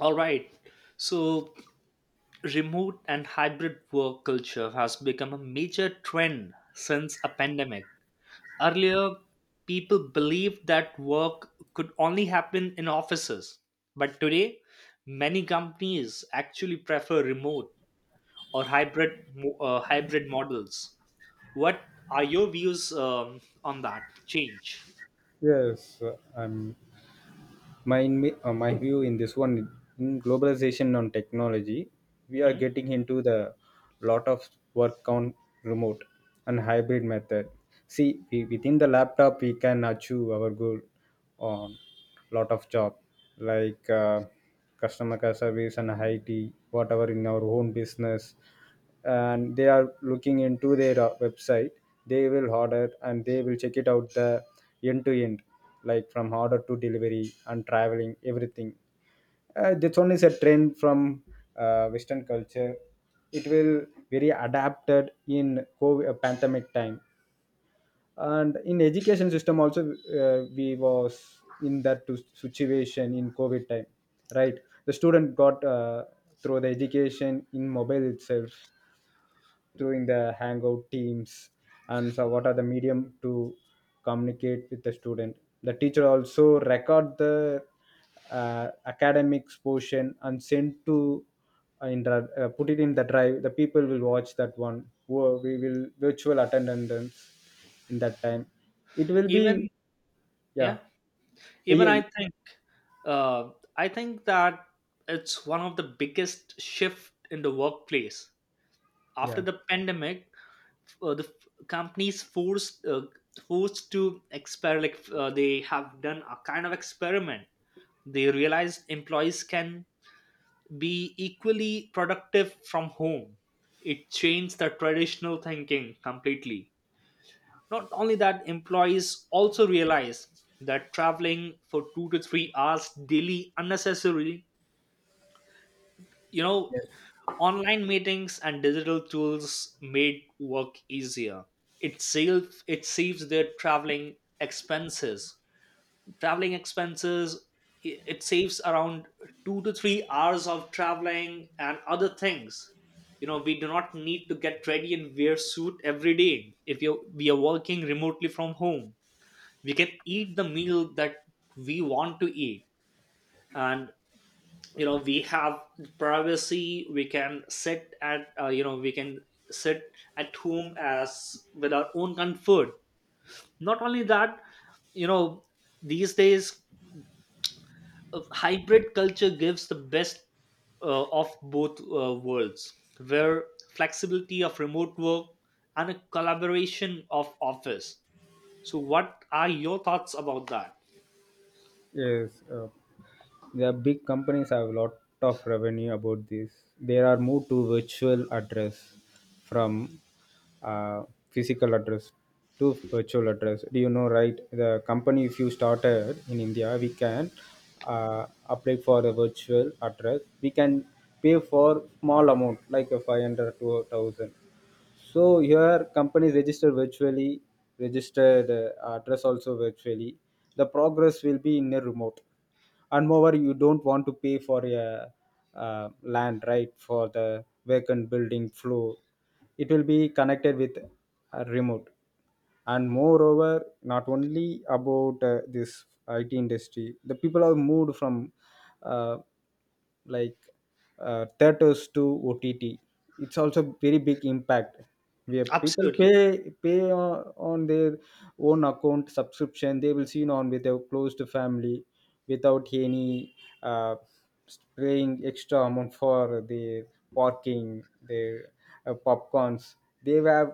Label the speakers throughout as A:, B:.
A: All right. So, remote and hybrid work culture has become a major trend since a pandemic. Earlier, people believed that work could only happen in offices. But today, many companies actually prefer remote or hybrid models. What are your views on that change?
B: Yes, my view in this one, in globalization on technology, we are
A: Hmm?
B: getting into the lot of work on remote and hybrid method. See, we, within the laptop, we can achieve our goal on lot of job like customer care service and IT, whatever in our own business, and they are looking into their website. They will order and they will check it out the end to end, like from order to delivery and traveling everything. This only is a trend from western culture. It will very adapted in COVID, pandemic time. And in education system also, we was in that to situation in covid time, right? The student got through the education in mobile itself, doing the hangout teams and so what are the medium to communicate with the student. The teacher also record the academics portion and send to put it in the drive, the people will watch that one. We will virtual attendance in that time. It will be.
A: Even
B: Yeah,
A: yeah. even
B: yeah,
A: i think uh, i think that it's one of the biggest shift in the workplace after
B: yeah.
A: the pandemic. The f- companies forced Forced to experiment, they have done a kind of experiment. They realized employees can be equally productive from home. It changed the traditional thinking completely. Not only that, employees also realize that traveling for 2 to 3 hours daily unnecessarily, you know, online meetings and digital tools made work easier. It saves their traveling expenses. Traveling expenses, it saves around 2 to 3 hours of traveling and other things. You know, we do not need to get ready and wear suit every day. If you we are working remotely from home, we can eat the meal that we want to eat. And you know, we have privacy. We can sit at you know we can sit at home as with our own comfort. Not only that, you know, these days hybrid culture gives the best of both worlds, where flexibility of remote work and a collaboration of office. So what are your thoughts about that?
B: Yes, the big companies have a lot of revenue about this. They are moved to virtual address from uh, physical address to virtual address. Do you know, right? The company, if you started in India, we can uh, apply for a virtual address. We can pay for small amount like a 500 to 1,000. So here companies register virtually, registered address also virtually. The progress will be in a remote. And moreover, you don't want to pay for a land right for the vacant building floor. It will be connected with a remote. And moreover, not only about this IT industry, the people have moved from uh, like theaters to OTT. It's also very big impact, where people
A: Absolutely.
B: pay on their own account subscription. They will see on with their closed family without any uh, paying extra amount for their parking, their popcorns. They have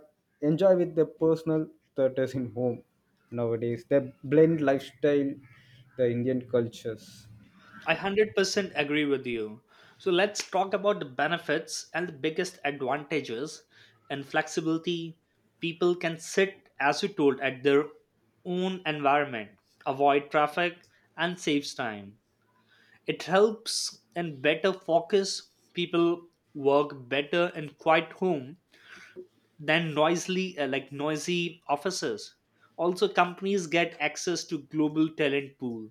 B: enjoy with the personal theaters in home. Nowadays they blend lifestyle, the Indian cultures.
A: I 100% agree with you. So let's talk about the benefits and the biggest advantages and flexibility. People can sit, as you told, at their own environment, avoid traffic, and saves time. It helps and better focus. People work better in quiet home than noisily, like noisy offices. Also, companies get access to global talent pool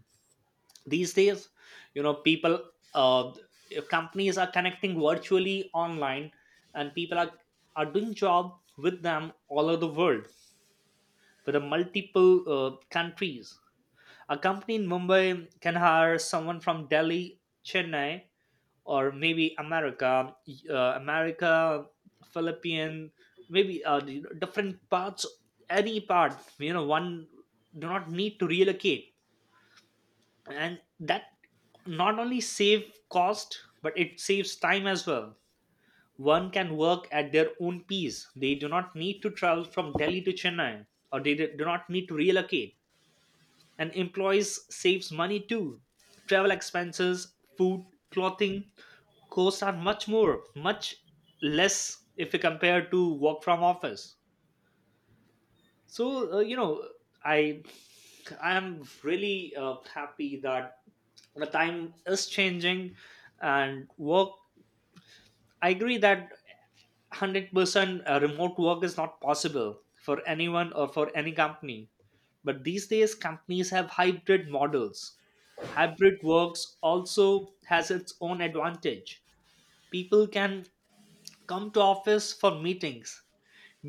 A: these days. You know people uh, Companies are connecting virtually online and people are doing job with them all over the world, with the multiple countries. A company in Mumbai can hire someone from Delhi, Chennai, or maybe America, America, Philippine, maybe you know, different parts, any part. You know, one do not need to relocate, and that not only save cost but it saves time as well. One can work at their own pace. They do not need to travel from Delhi to Chennai, or they do not need to relocate. And employees saves money too. Travel expenses, food, clothing costs are much less if you compare to work from office. So you know, i I am really happy that the time is changing and work. I agree that 100% remote work is not possible for anyone or for any company, but these days companies have hybrid models. Hybrid works also has its own advantage. People can come to office for meetings,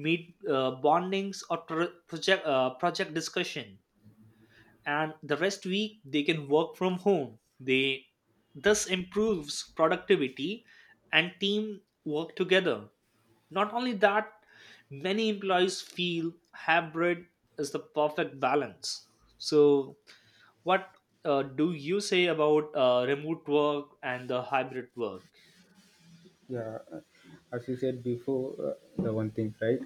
A: meet bondings or pro- project project discussion, and the rest week they can work from home. They this improves productivity and team work together. Not only that, many employees feel hybrid is the perfect balance. So what do you say about remote work and the hybrid work?
B: Yeah, as you said before, the one thing, right,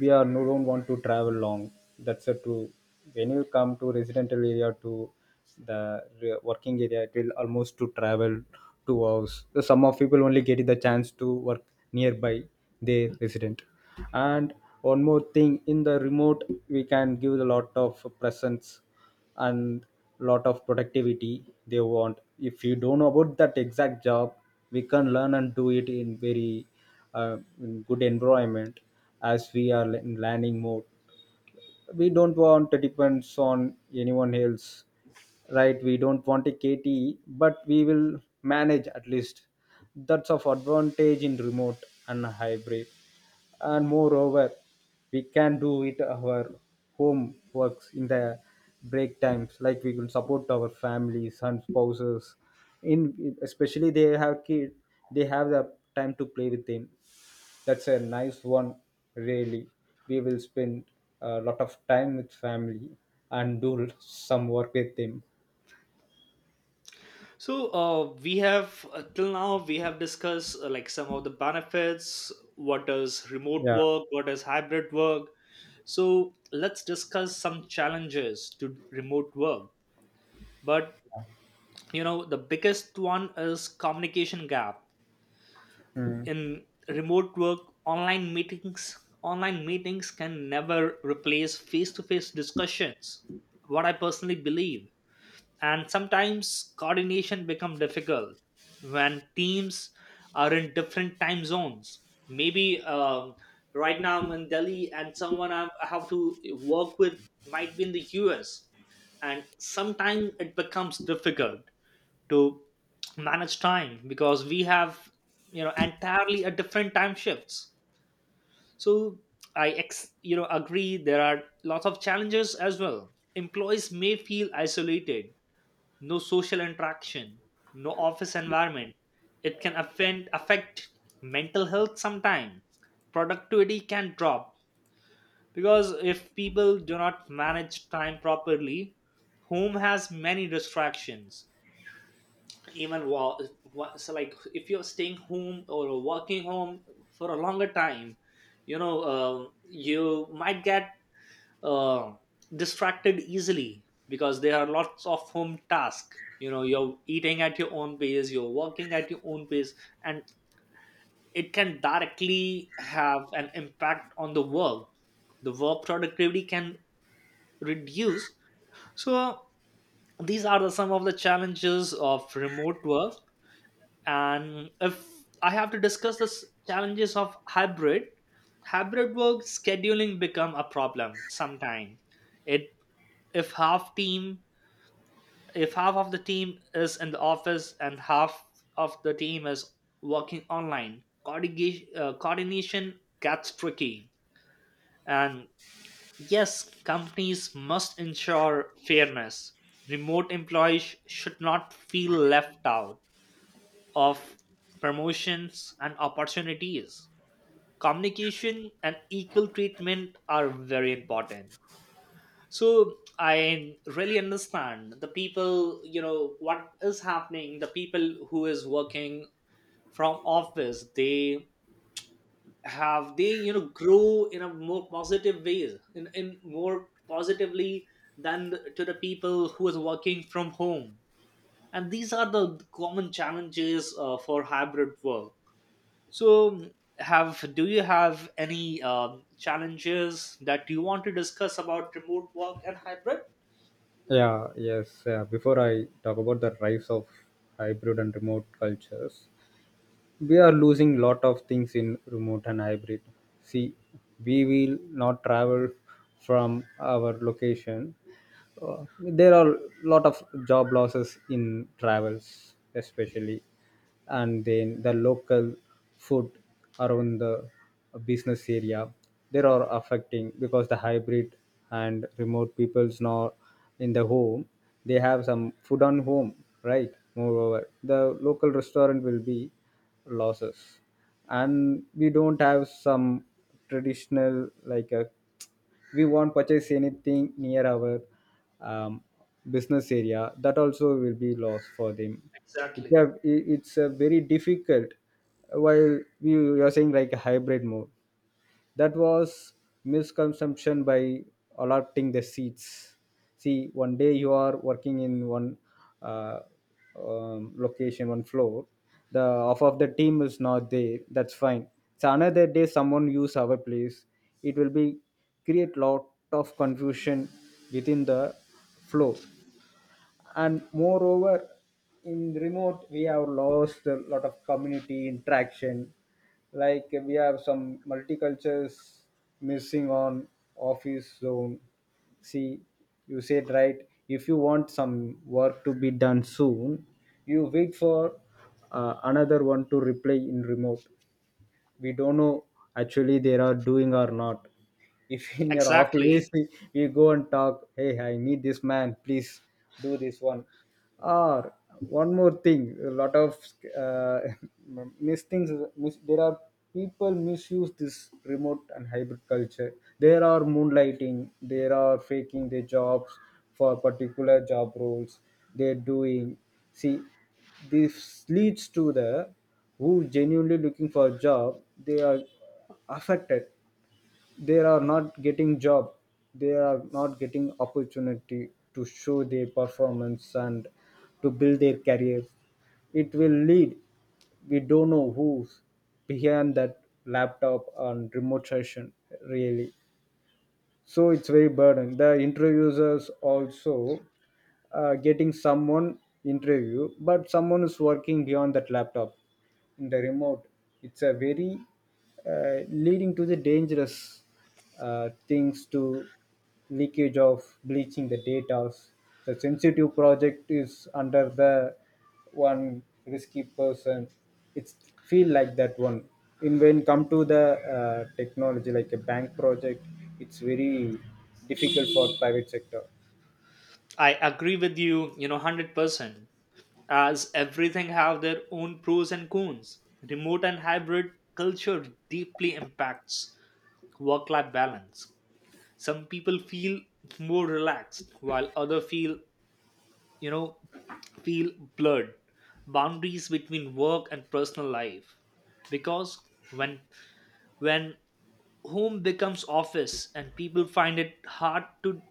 B: we are no don't want to travel long. That's a true. When you come to residential area to the working area, it will almost to travel 2 hours. So some of people only get the chance to work nearby their resident. And one more thing, in the remote we can give a lot of presence and lot of productivity they want. If you don't know about that exact job, we can learn and do it in very in good environment. As we are in learning mode, we don't want to depend on anyone else, right? We don't want a kte, but we will manage at least. That's of advantage in remote and hybrid. And moreover, we can do it our home works in the break times. Like, we can support our families and spouses, in especially they have kids, they have the time to play with them. That's a nice one, really. We will spend a lot of time with family and do some work with them.
A: So uh, we have uh, till now we have discussed, like, some of the benefits, what is remote
B: Yeah.
A: work, what is hybrid work. So let's discuss some challenges to remote work. But you know, the biggest one is communication gap.
B: Mm.
A: In remote work, online meetings can never replace face to face discussions, what I personally believe. And sometimes coordination become difficult when teams are in different time zones. Maybe right now I'm in Delhi and someone I have to work with might be in the US, and sometimes it becomes difficult to manage time because we have, you know, entirely a different time shifts. So you know, agree there are lots of challenges as well. Employees may feel isolated, no social interaction, no office environment. It can affect mental health sometimes. Productivity can drop because if people do not manage time properly, home has many distractions. Even while, so like if you're staying home or working home for a longer time, you know, you might get uh, distracted easily because there are lots of home tasks. You know, you're eating at your own pace, you're working at your own pace, and it can directly have an impact on the work. The work productivity can reduce. So these are the some of the challenges of remote work. And if I have to discuss the challenges of hybrid, hybrid work scheduling become a problem sometime. It if half team if half of the team is in the office and half of the team is working online, coordination, coordination gets tricky. And yes, companies must ensure fairness. Remote employees should not feel left out of promotions and opportunities. Communication and equal treatment are very important. So I really understand the people, you know, what is happening. The people who is working from office, they have they you know, grow in a more positive ways, in more positively than the, to the people who is working from home. And these are the common challenges for hybrid work. So have, do you have any challenges that you want to discuss about remote work and hybrid?
B: Yeah, yes, yeah. Before I talk about the rise of hybrid and remote cultures, we are losing lot of things in remote and hybrid. See, we will not travel from our location. There are lot of job losses in travels especially, and then the local food around the business area there are affecting, because the hybrid and remote people's now in the home, they have some food on home, right? Moreover the local restaurant will be losses, and we don't have some traditional, like a we won't purchase anything near our um, business area. That also will be loss for them.
A: Exactly.
B: It's a very difficult while we you are saying like a hybrid mode. That was misconception by allotting the seats. See, one day you are working in one uh, location, one floor. The half of the team is not there. That's fine. So another day someone use our place. It will be create lot of confusion within the flow. And moreover, in remote we have lost a lot of community interaction, like we have some multicultures missing on office zone. See, you said right, if you want some work to be done soon, you wait for another one to reply. In remote we don't know actually they are doing or not. If in your office
A: Exactly.
B: we go and talk, hey, I need this man, please do this one. Or one more thing, a lot of uh, there are people misuse this remote and hybrid culture. There are moonlighting, there are faking their jobs for particular job roles they're doing. See, this leads to the who genuinely looking for a job, they are affected, they are not getting job, they are not getting opportunity to show their performance and to build their careers. It will lead, we don't know who's behind that laptop and remote session, really. So it's very burden. The interviewers also getting someone interview, but someone is working beyond that laptop in the remote. It's a very leading to the dangerous things to leakage of bleaching the data. The sensitive project is under the one risky person. It's feel like that one. In when come to the technology like a bank project, it's very difficult for private sector.
A: I agree with you, you know, 100%. As everything have their own pros and cons. Remote and hybrid culture deeply impacts work-life balance. Some people feel more relaxed while other feel, you know, feel blurred. Boundaries between work and personal life. Because when when home becomes office and people find it hard to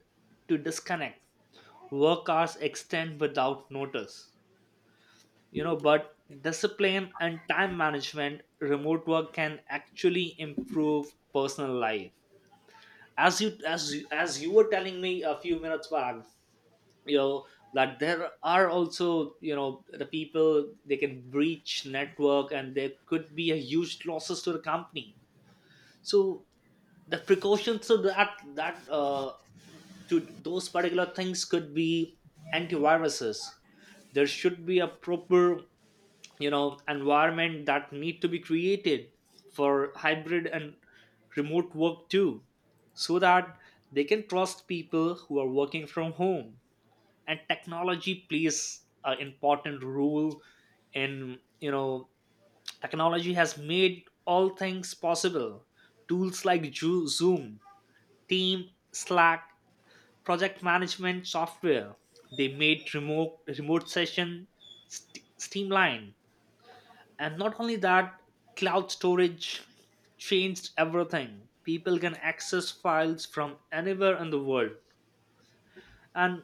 A: disconnect. Work hours extend without notice. You know, but discipline and time management, remote work can actually improve personal life. As you were telling me a few minutes back, you know, that there are also, you know, the people they can breach network and there could be a huge losses to the company. So the precautions, so that that to those particular things could be antiviruses, there should be a proper, you know, environment that need to be created for hybrid and remote work too, so that they can trust people who are working from home. And technology plays an important role in, you know, technology has made all things possible. Tools like Zoom, Team, Slack, project management software. They made remote session streamline. And not only that, cloud storage changed everything. People can access files from anywhere in the world. And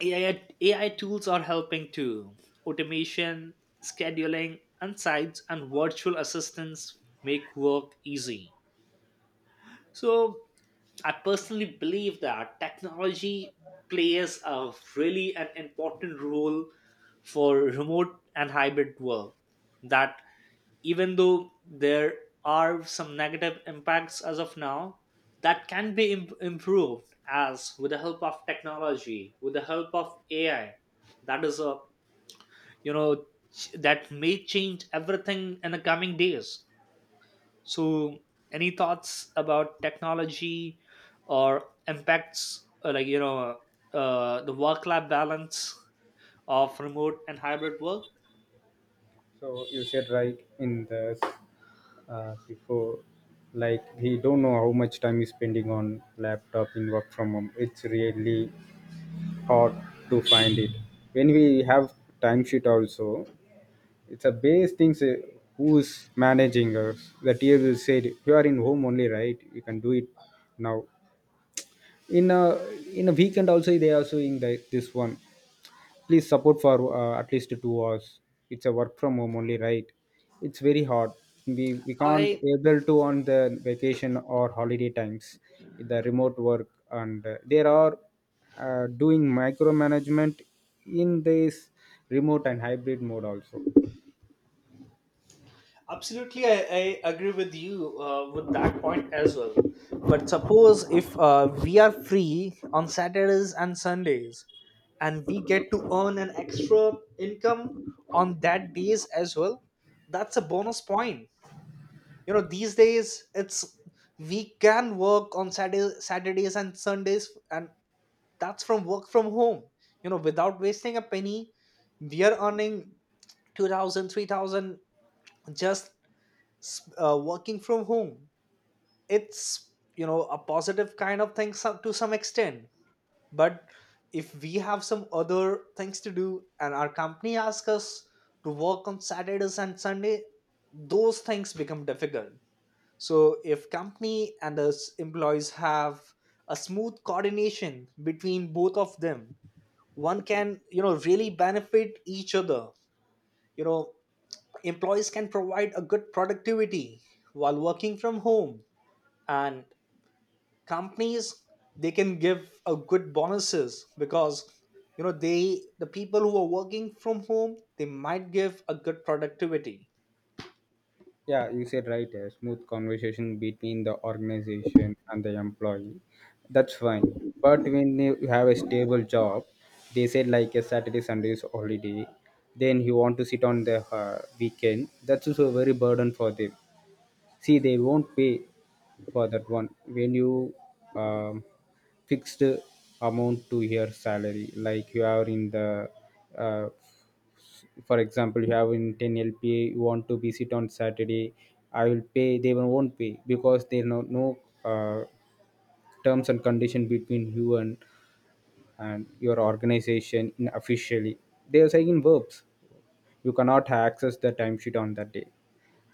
A: AI, AI tools are helping too. Automation, scheduling, insights, and virtual assistants make work easy. So I personally believe that technology plays a really an important role for remote and hybrid work. That even though there are some negative impacts as of now, that can be improved as with the help of technology, with the help of AI. That is a, you know, that may change everything in the coming days. So, any thoughts about technology or impacts, like, you know, the work-life balance of remote and hybrid work?
B: So you said right in the before, like he don't know how much time he's spending on laptop in work from home. It's really hard to find it. When we have timesheet also, it's a base things. Who's managing us? The TFU said you are in home only, right, you can do it. Now in a in a weekend also they are showing the, this one, please support for at least 2 hours, it's a work from home only, right? It's very hard. We can't
A: I
B: able to on the vacation or holiday times. The remote work, and there are doing micromanagement in this remote and hybrid mode also.
A: absolutely. I agree with you with that point as well. But suppose if we are free on Saturdays and Sundays, and we get to earn an extra income on that days as well, that's a bonus point. You know, these days it's, we can work on saturdays and sundays, and that's from work from home. You know, without wasting a penny, we are earning 2,000, 3,000, just working from home. It's, you know, a positive kind of thing some, to some extent. But if we have some other things to do and our company asks us to work on saturdays and sunday, those things become difficult. So if company and the employees have a smooth coordination between both of them, one can, you know, really benefit each other. You know, employees can provide a good productivity while working from home, and companies, they can give a good bonuses because, you know, they the people who are working from home they might give a good productivity.
B: Yeah, you said right. A smooth conversation between the organization and the employee. That's fine. But when you have a stable job, they said like a Saturday, Sunday is holiday. Then you want to sit on the weekend. That's also very burden for them. See, they won't pay for that one when you um, fixed amount to your salary, like you are in the uh, for example, you have in 10 lpa, you want to visit on Saturday, I will pay, they will- won't pay because there no uh, terms and condition between you and your organization in officially. They are saying in verbs, you cannot access the timesheet on that day.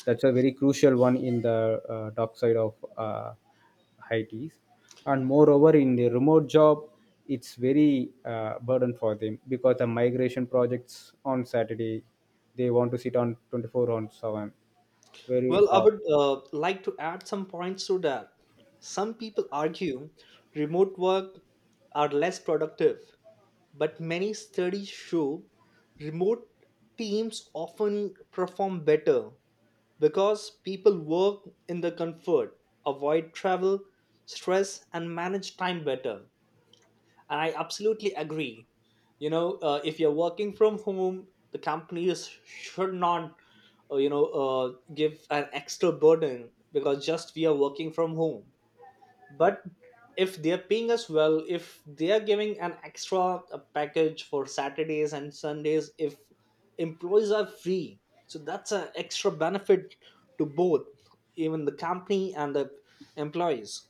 B: That's a very crucial one in the dark side of I T's. And moreover, in the remote job, it's very burden for them, because the migration projects on Saturday, they want to sit on 24/7. Very
A: Well, I
B: hard.
A: would like to add some points to that. Some people argue remote work are less productive, but many studies show remote teams often perform better because people work in the comfort, avoid travel, stress, and manage time better. And I absolutely agree. You know, if you're working from home, the companies should not you know, give an extra burden because just we are working from home. But if they are paying us well, if they are giving an extra package for saturdays and sundays, if employees are free, so that's an extra benefit to both, even the company and the employees.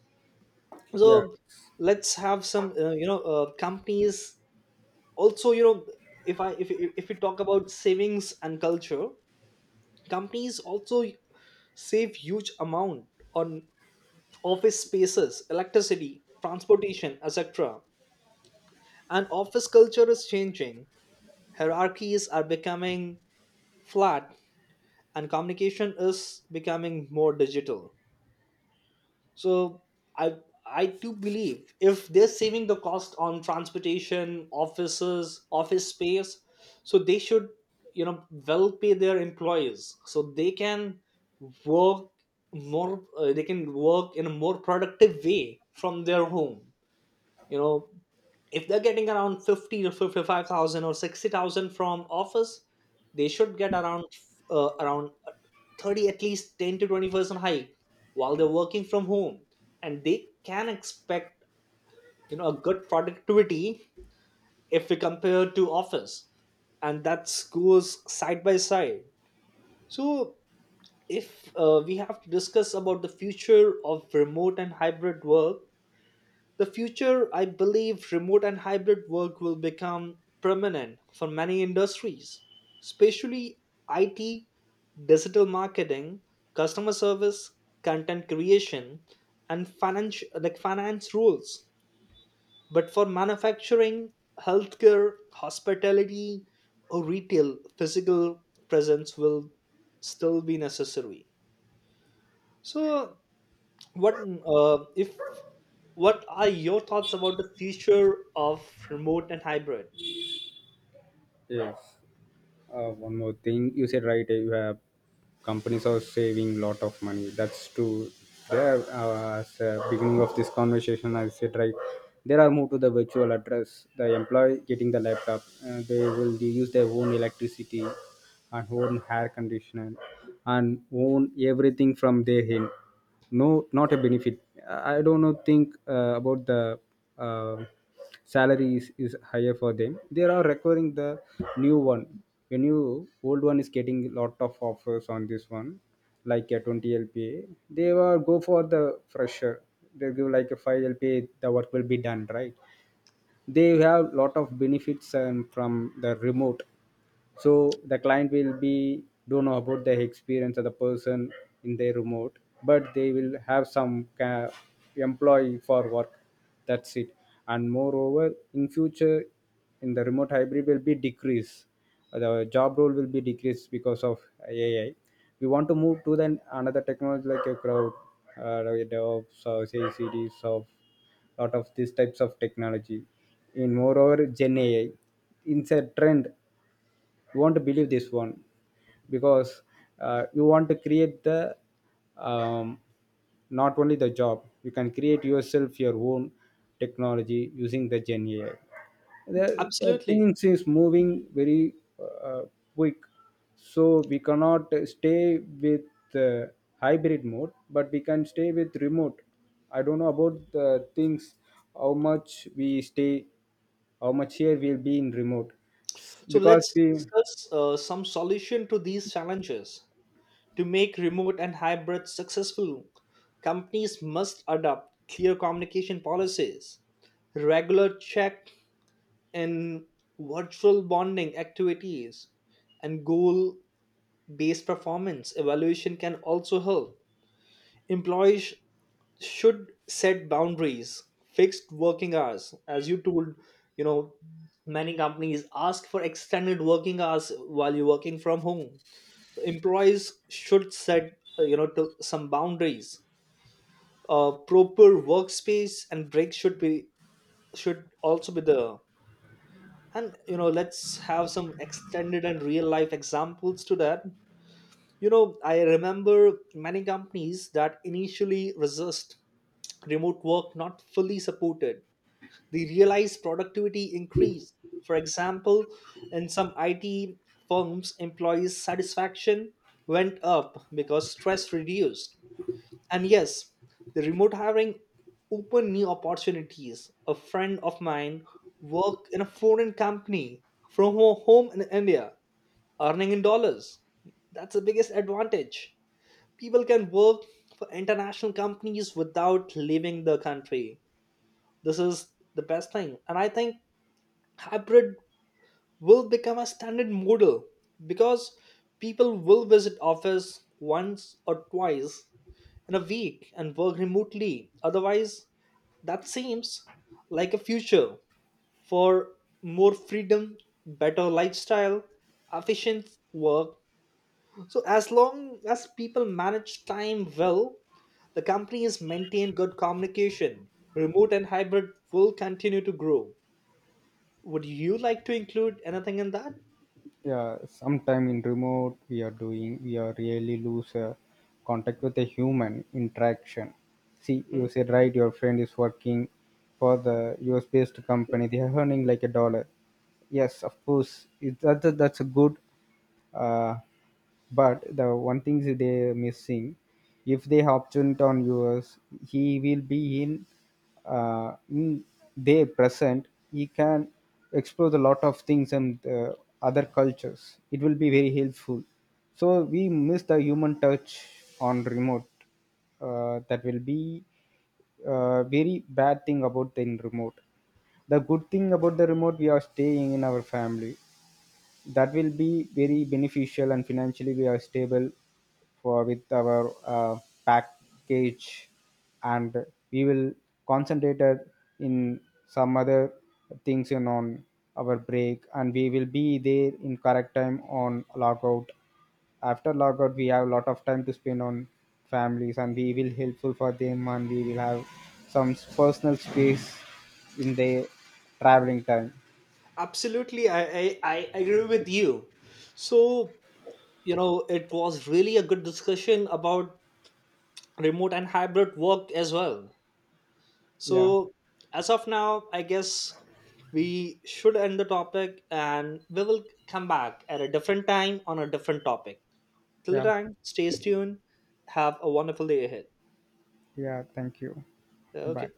B: Yeah.
A: So let's have some you know, companies also, you know, if we talk about savings and culture, companies also save huge amount on office spaces, electricity, transportation, etc. And office culture is changing. Hierarchies are becoming flat and communication is becoming more digital. So I I do believe if they're saving the cost on transportation, offices, office space, so they should, you know, well pay their employees so they can work more. They can work in a more productive way from their home. You know, if they're getting around 50 to 55,000 or 60,000 from office, they should get around around 30, at least 10 to 20% hike while they're working from home, and they can expect, you know, a good productivity if we compare to office, and that goes side by side. So if we have to discuss about the future of remote and hybrid work, the future, I believe remote and hybrid work will become permanent for many industries, especially IT, digital marketing, customer service, content creation, and finance like finance rules. But for manufacturing, healthcare, hospitality, or retail, physical presence will still be necessary. So what if what are your thoughts about the future of remote and hybrid?
B: Yes. One more thing, you said right, you have companies are saving lot of money. That's true. There, as beginning of this conversation, I said right, there are moved to the virtual address. The employee getting the laptop, they will use their own electricity and own hair conditioner and own everything from their end. No, not a benefit. I don't know. Think about the. Uh, Salary is higher for them. They are requiring the new one. The new old one is getting a lot of offers on this one, like a 20 lpa they will go for the fresher. They give like a 5 lpa, the work will be done, right? They have lot of benefits from the remote. So the client will be don't know about the experience of the person in their remote, but they will have some employee for work. That's it. And moreover, in future, in the remote hybrid will be decrease, the job role will be decreased because of AI. We want to move to then another technology like a crowd, uh, DevOps or CICDs, of lot of these types of technology. In moreover gen AI, it's a trend, you want to believe this one, because you want to create the um, not only the job, you can create yourself your own technology using the gen AI. The
A: Absolutely.
B: things is moving very uh, quick. So we cannot stay with uh, hybrid mode, but we can stay with remote. I don't know about the things, how much we stay, how much here we'll be in remote.
A: So
B: Because
A: let's
B: we.
A: discuss some solution to these challenges. To make remote and hybrid successful, companies must adopt clear communication policies, regular check in, virtual bonding activities, and goal based performance evaluation can also help. Employees should set boundaries, fixed working hours, as you told. You know, many companies ask for extended working hours while you're working from home, so employees should set, you know, to some boundaries. Proper workspace and breaks should be, should also be there. And you know, let's have some extended and real life examples to that. You know, I remember many companies that initially resist remote work, not fully supported. They realize productivity increase. For example, in some IT firms, employees' satisfaction went up because stress reduced. And yes, the remote hiring opened new opportunities. A friend of mine worked in a foreign company from her home in India, earning in dollars. That's the biggest advantage. People can work for international companies without leaving the country. This is the best thing. And I think hybrid will become a standard model because people will visit office once or twice in a week and work remotely otherwise. That seems like a future for more freedom, better lifestyle, efficient work. So as long as people manage time well, the company has maintained good communication, remote and hybrid will continue to grow. Would you like to include anything in that?
B: Yeah, sometime in remote we are doing, we are really lose contact with a human interaction. See,
A: Hmm?
B: you said right, your friend is working for the US based company, they are earning like a dollar. Yes, of course it, that's a good, uh, but the one thing is they missing. If they opted on US, he will be in uh, in their present, he can explore a lot of things and other cultures. It will be very helpful. So we miss the human touch on remote. That will be very bad thing about the remote. The good thing about the remote, we are staying in our family. That will be very beneficial, and financially we are stable for with our package. And we will concentrate it in some other things in on our break, and we will be there in correct time on logout. After logout we have a lot of time to spend on families and we will helpful for them, and we will have some personal space in their traveling time.
A: Absolutely, I agree with you. So, you know, it was really a good discussion about remote and hybrid work as well.
B: Yeah.
A: So, as of now, I guess we should end the topic and we will come back at a different time on a different topic. Till the
B: Yeah.
A: time, stay tuned. Have a wonderful day ahead.
B: Yeah, thank you. Bye.
A: Okay.